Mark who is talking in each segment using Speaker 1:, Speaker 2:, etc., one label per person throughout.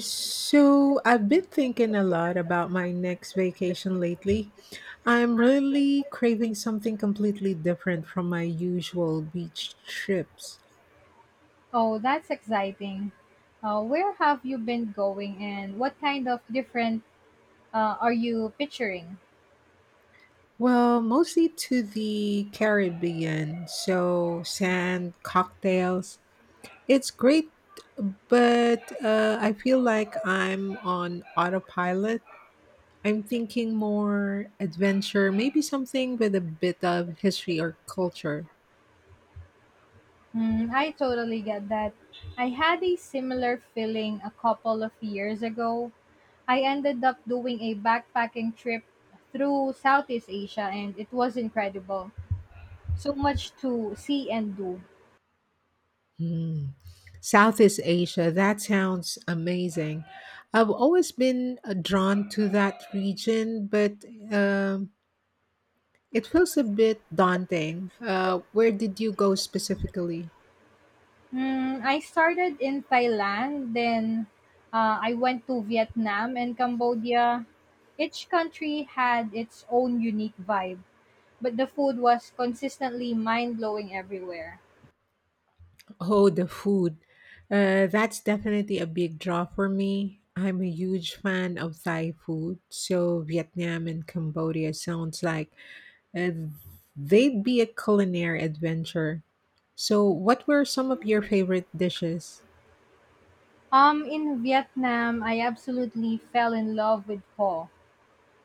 Speaker 1: So, I've been thinking a lot about my next vacation lately. I'm really craving something completely different from my usual beach trips.
Speaker 2: Oh, that's exciting. Where have you been going and what kind of different are you picturing?
Speaker 1: Well, mostly to the Caribbean, so sand, cocktails. It's great, but I feel like I'm on autopilot. I'm thinking more adventure, maybe something with a bit of history or culture.
Speaker 2: I totally get that. I had a similar feeling a couple of years ago. I ended up doing a backpacking trip through Southeast Asia and it was incredible. So much to see and do.
Speaker 1: Hmm. Southeast Asia, that sounds amazing. I've always been drawn to that region, but um, it feels a bit daunting. Where did you go specifically?
Speaker 2: I started in Thailand, then I went to Vietnam and Cambodia. Each country had its own unique vibe, but the food was consistently mind blowing everywhere.
Speaker 1: Oh, the food. That's definitely a big draw for me. I'm a huge fan of Thai food, so Vietnam and Cambodia sounds like uh, they'd be a culinary adventure. So, what were some of your favorite dishes?
Speaker 2: In Vietnam, I absolutely fell in love with pho.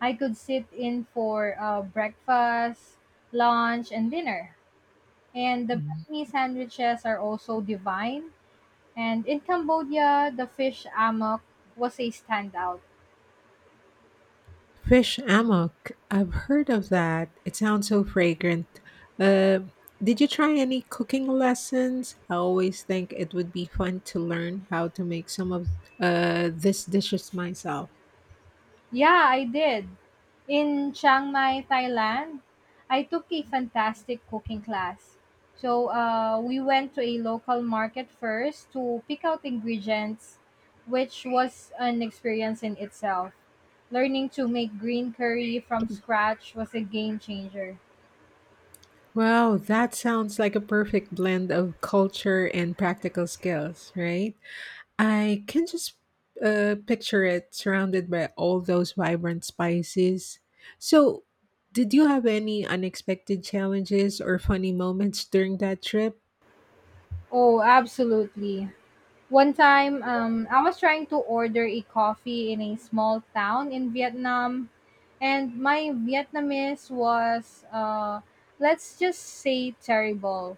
Speaker 2: I could sit in for breakfast, lunch, and dinner. And the
Speaker 1: Mm.
Speaker 2: Vietnamese sandwiches are also divine. And in Cambodia, the fish amok was a standout.
Speaker 1: Fish amok. I've heard of that. It sounds so fragrant. Uh, did you try any cooking lessons? I always think it would be fun to learn how to make some of these dishes myself.
Speaker 2: Yeah, I did. In Chiang Mai, Thailand, I took a fantastic cooking class. So we went to a local market first to pick out ingredients, which was an experience in itself. Learning to make green curry from scratch was a game changer.
Speaker 1: Wow, that sounds like a perfect blend of culture and practical skills, right? I can just picture it surrounded by all those vibrant spices. So, did you have any unexpected challenges or funny moments during that trip?
Speaker 2: Oh, absolutely. One time, I was trying to order a coffee in a small town in Vietnam, and my Vietnamese was, let's just say, terrible.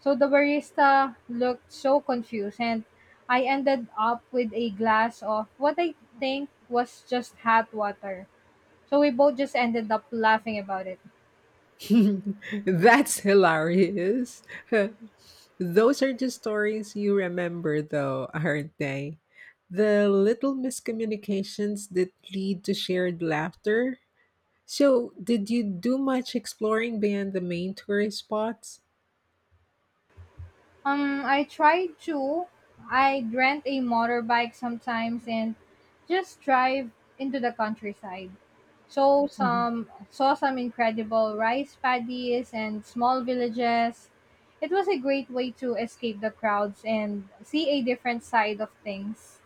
Speaker 2: So the barista looked so confused, and I ended up with a glass of what I think was just hot water. So we both just ended up laughing about it.
Speaker 1: That's hilarious. Those are just stories you remember, though, aren't they? The little miscommunications that lead to shared laughter. So, did you do much exploring beyond the main tourist spots?
Speaker 2: I try to. I rent a motorbike sometimes and just drive into the countryside. So
Speaker 1: Mm-hmm.
Speaker 2: some saw some incredible rice paddies and small villages. It was a great way to escape the crowds and see a different side of things.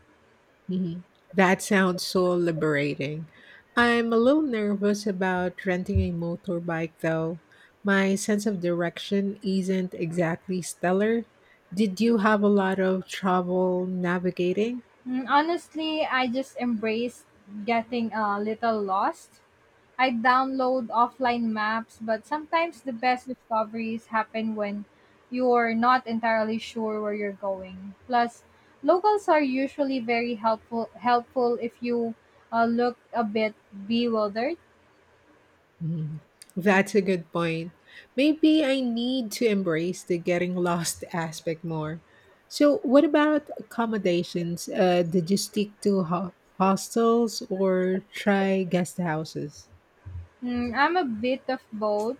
Speaker 1: Mhm. That sounds so liberating. I'm a little nervous about renting a motorbike, though. My sense of direction isn't exactly stellar. Did you have a lot of trouble navigating?
Speaker 2: Honestly, I just embraced getting a little lost. I download offline maps, but sometimes the best discoveries happen when you're not entirely sure where you're going. Plus, locals are usually very helpful if you look a bit bewildered.
Speaker 1: Mhm. That's a good point. Maybe I need to embrace the getting lost aspect more. So, what about accommodations? Did you stick to hostels or try guest houses?
Speaker 2: I'm a bit of both.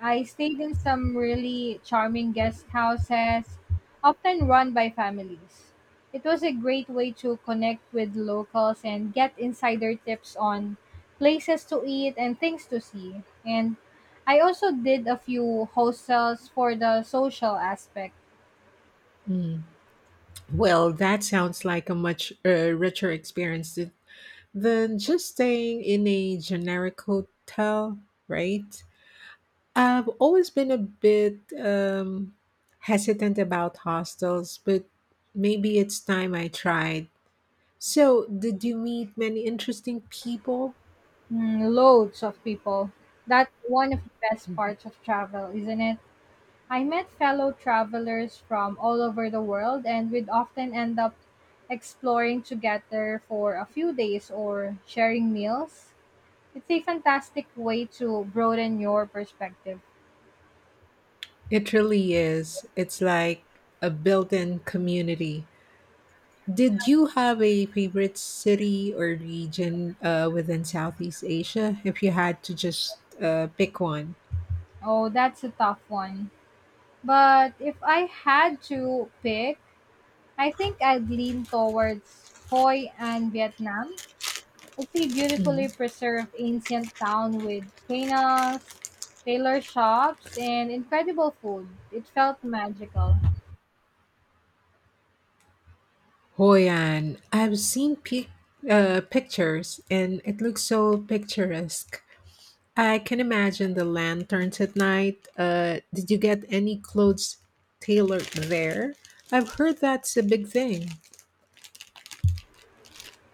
Speaker 2: I stayed in some really charming guest houses, often run by families. It was a great way to connect with locals and get insider tips on places to eat and things to see. And I also did a few hostels for the social aspect.
Speaker 1: Well, that sounds like a much richer experience than just staying in a generic hotel, right? I've always been a bit hesitant about hostels, but maybe it's time I tried. So, did you meet many interesting people?
Speaker 2: Loads of people. That's one of the best parts of travel, isn't it? I met fellow travelers from all over the world, and we'd often end up exploring together for a few days or sharing meals. It's a fantastic way to broaden your perspective.
Speaker 1: It really is. It's like a built in community. Did you have a favorite city or region within Southeast Asia? If you had to just pick one,
Speaker 2: Oh, that's a tough one. But if I had to pick, I think I'd lean towards Hoi and Vietnam. It's a
Speaker 1: mhm.
Speaker 2: beautifully preserved ancient town with canals, tailor shops, and incredible food. It felt magical.
Speaker 1: Hoi An. Pictures and it looks so picturesque. I can imagine the lanterns at night. Did you get any clothes tailored there? I've heard that's a big thing.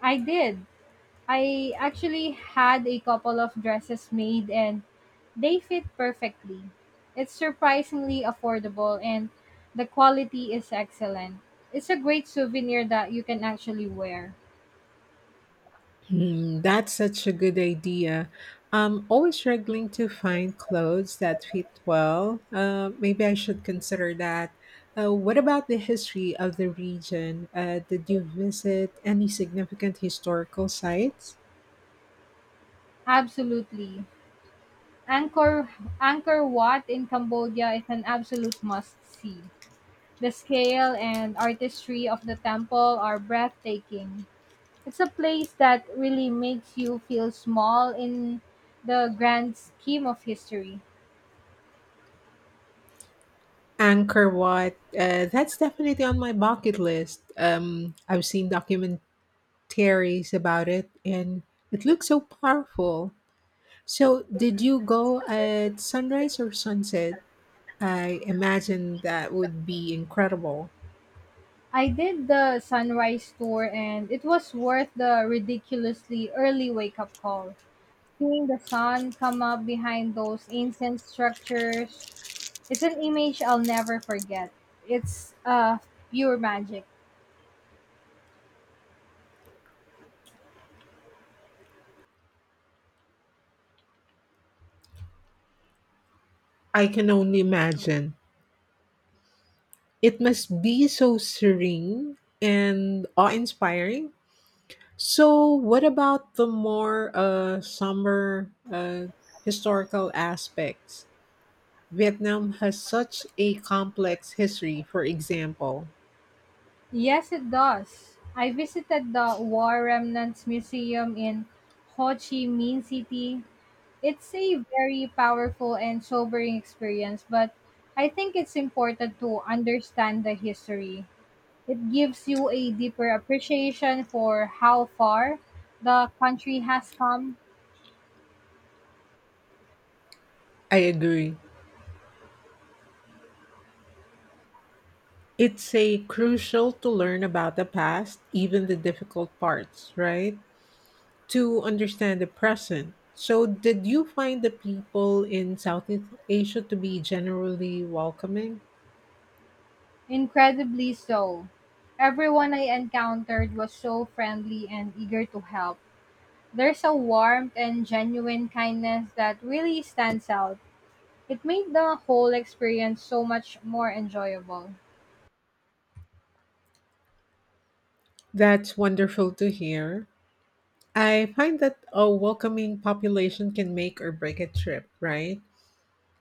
Speaker 2: I did. I actually had a couple of dresses made and they fit perfectly. It's surprisingly affordable and the quality is excellent. It's a great souvenir that you can actually wear.
Speaker 1: Hmm, that's such a good idea. I'm always struggling to find clothes that fit well. Maybe I should consider that. What about the history of the region? Did you visit any significant historical sites?
Speaker 2: Absolutely. Angkor Angkor Wat in Cambodia is an absolute must see. The scale and artistry of the temple are breathtaking. It's a place that really makes you feel small in the grand scheme of history.
Speaker 1: Angkor Wat, that's definitely on my bucket list. I've seen documentaries about it and it looks so powerful. So, did you go at sunrise or sunset? I imagine that would be incredible.
Speaker 2: I did the sunrise tour and it was worth the ridiculously early wake up call. Seeing the sun come up behind those ancient structures is an image I'll never forget. It's pure magic.
Speaker 1: I can only imagine. It must be so serene and awe inspiring. So, what about the more somber historical aspects? Vietnam has such a complex history, for example.
Speaker 2: Yes, it does. I visited the War Remnants Museum in Ho Chi Minh City. It's a very powerful and sobering experience, but I think it's important to understand the history. It gives you a deeper appreciation for how far the country has come.
Speaker 1: I agree. It's a crucial to learn about the past, even the difficult parts, right? To understand the present. So, did you find the people in Southeast Asia to be generally welcoming?
Speaker 2: Incredibly so. Everyone I encountered was so friendly and eager to help. There's a warmth and genuine kindness that really stands out. It made the whole experience so much more enjoyable.
Speaker 1: That's wonderful to hear. I find that a welcoming population can make or break a trip, right?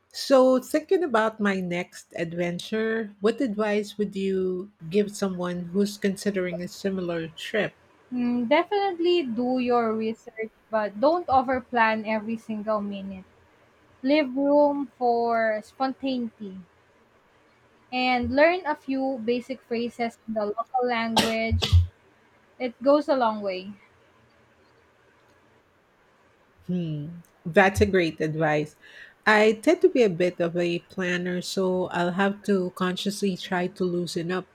Speaker 1: So, thinking about my next adventure, what advice would you give someone who's considering a similar trip?
Speaker 2: Definitely do your research, but don't overplan every single minute. Leave room for spontaneity and learn a few basic phrases in the local language. It goes a long way.
Speaker 1: Hmm, that's a great advice. I tend to be a bit of a planner, so I'll have to consciously try to loosen up.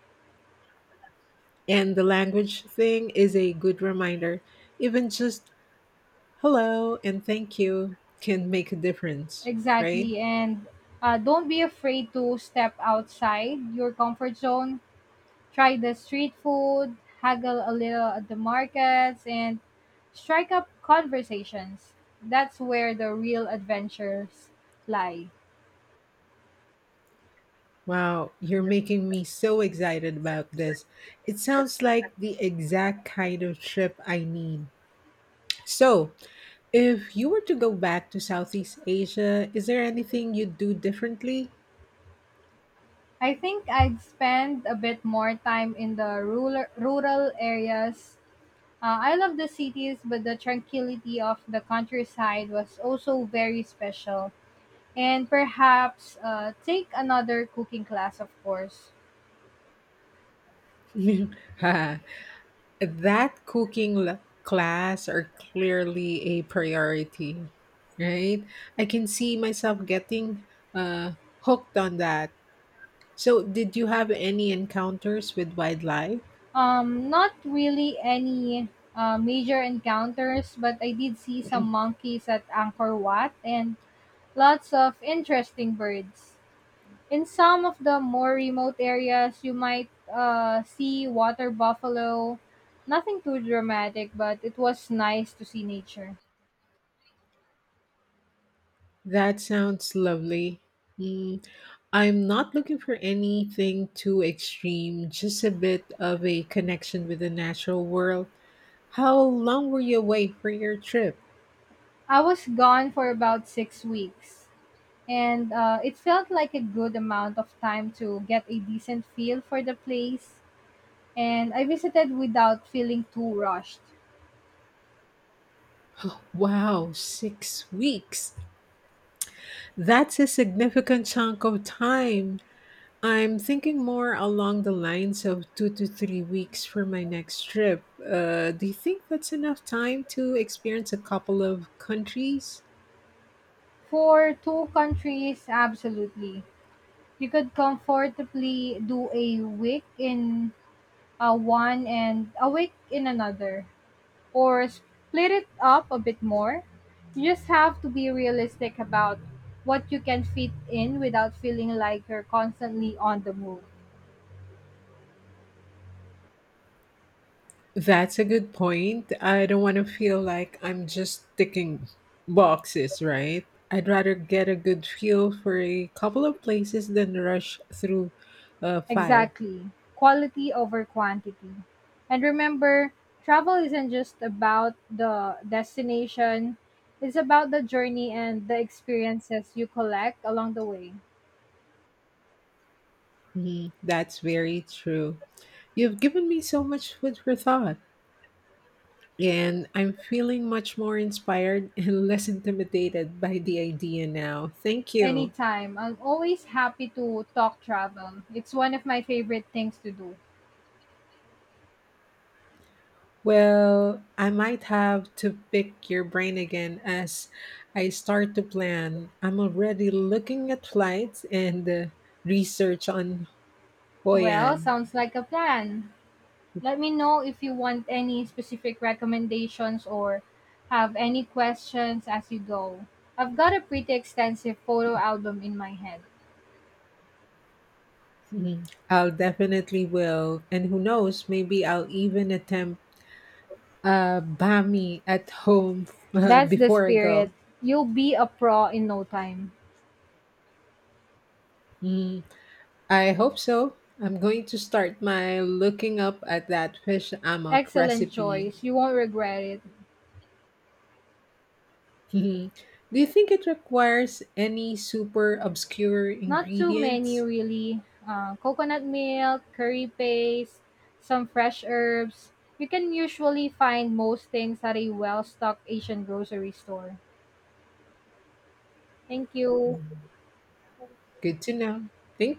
Speaker 1: And the language thing is a good reminder. Even just hello and thank you can make a difference, right?
Speaker 2: Exactly. And don't be afraid to step outside your comfort zone. Try the street food, haggle a little at the markets, and strike up conversations. That's where the real adventures lie.
Speaker 1: Wow, you're making me so excited about this. It sounds like the exact kind of trip I need. So, if you were to go back to Southeast Asia, is there anything you'd do differently?
Speaker 2: I think I'd spend a bit more time in the rural areas. I love the cities, but the tranquility of the countryside was also very special. And perhaps take another cooking class, of course.
Speaker 1: That cooking class are clearly a priority, right? I can see myself getting uh, hooked on that. So, did you have any encounters with wildlife?
Speaker 2: Not really any major encounters, but I did see some monkeys at Angkor Wat and lots of interesting birds. In some of the more remote areas, you might see water buffalo. Nothing too dramatic, but it was nice to see nature.
Speaker 1: That sounds lovely. Mm, I'm not looking for anything too extreme, just a bit of a connection with the natural world. How long were you away for your trip?
Speaker 2: I was gone for about 6 weeks, and it felt like a good amount of time to get a decent feel for the place, and I visited without feeling too rushed.
Speaker 1: Wow, 6 weeks. That's a significant chunk of time. I'm thinking more along the lines of 2 to 3 weeks for my next trip. Do you think that's enough time to experience a couple of countries?
Speaker 2: For two countries, absolutely. You could comfortably do a week in one and a week in another, or split it up a bit more. You just have to be realistic about what you can fit in without feeling like you're constantly on the move.
Speaker 1: That's a good point. I don't want to feel like I'm just ticking boxes, right? I'd rather get a good feel for a couple of places than rush through 5.
Speaker 2: Exactly. Quality over quantity. And remember, travel isn't just about the destination, it's about the journey and the experiences you collect along the way.
Speaker 1: Mhm. That's very true. You've given me so much food for thought. And I'm feeling much more inspired and less intimidated by the idea now. Thank you.
Speaker 2: Anytime. I'm always happy to talk travel. It's one of my favorite things to do.
Speaker 1: Well, I might have to pick your brain again as I start to plan. I'm already looking at flights and research on Hoi
Speaker 2: Well,
Speaker 1: An.
Speaker 2: sounds like a plan. Let me know if you want any specific recommendations or have any questions as you go. I've got a pretty extensive photo album in my head.
Speaker 1: Mhm. I'll definitely will. And who knows, maybe I'll even attempt Bami at home
Speaker 2: That's the
Speaker 1: before I
Speaker 2: spirit.
Speaker 1: go.
Speaker 2: You'll be a pro in no time.
Speaker 1: Mm-hmm. I hope so. I'm going to start my looking up at that fish amok
Speaker 2: Excellent
Speaker 1: recipe.
Speaker 2: choice. You won't regret it.
Speaker 1: Do you think it requires any super obscure
Speaker 2: Not too many,
Speaker 1: ingredients?
Speaker 2: really. Coconut milk, curry paste, some fresh herbs. You can usually find most things at a well stocked Asian grocery store. Thank you.
Speaker 1: Good to know. Thank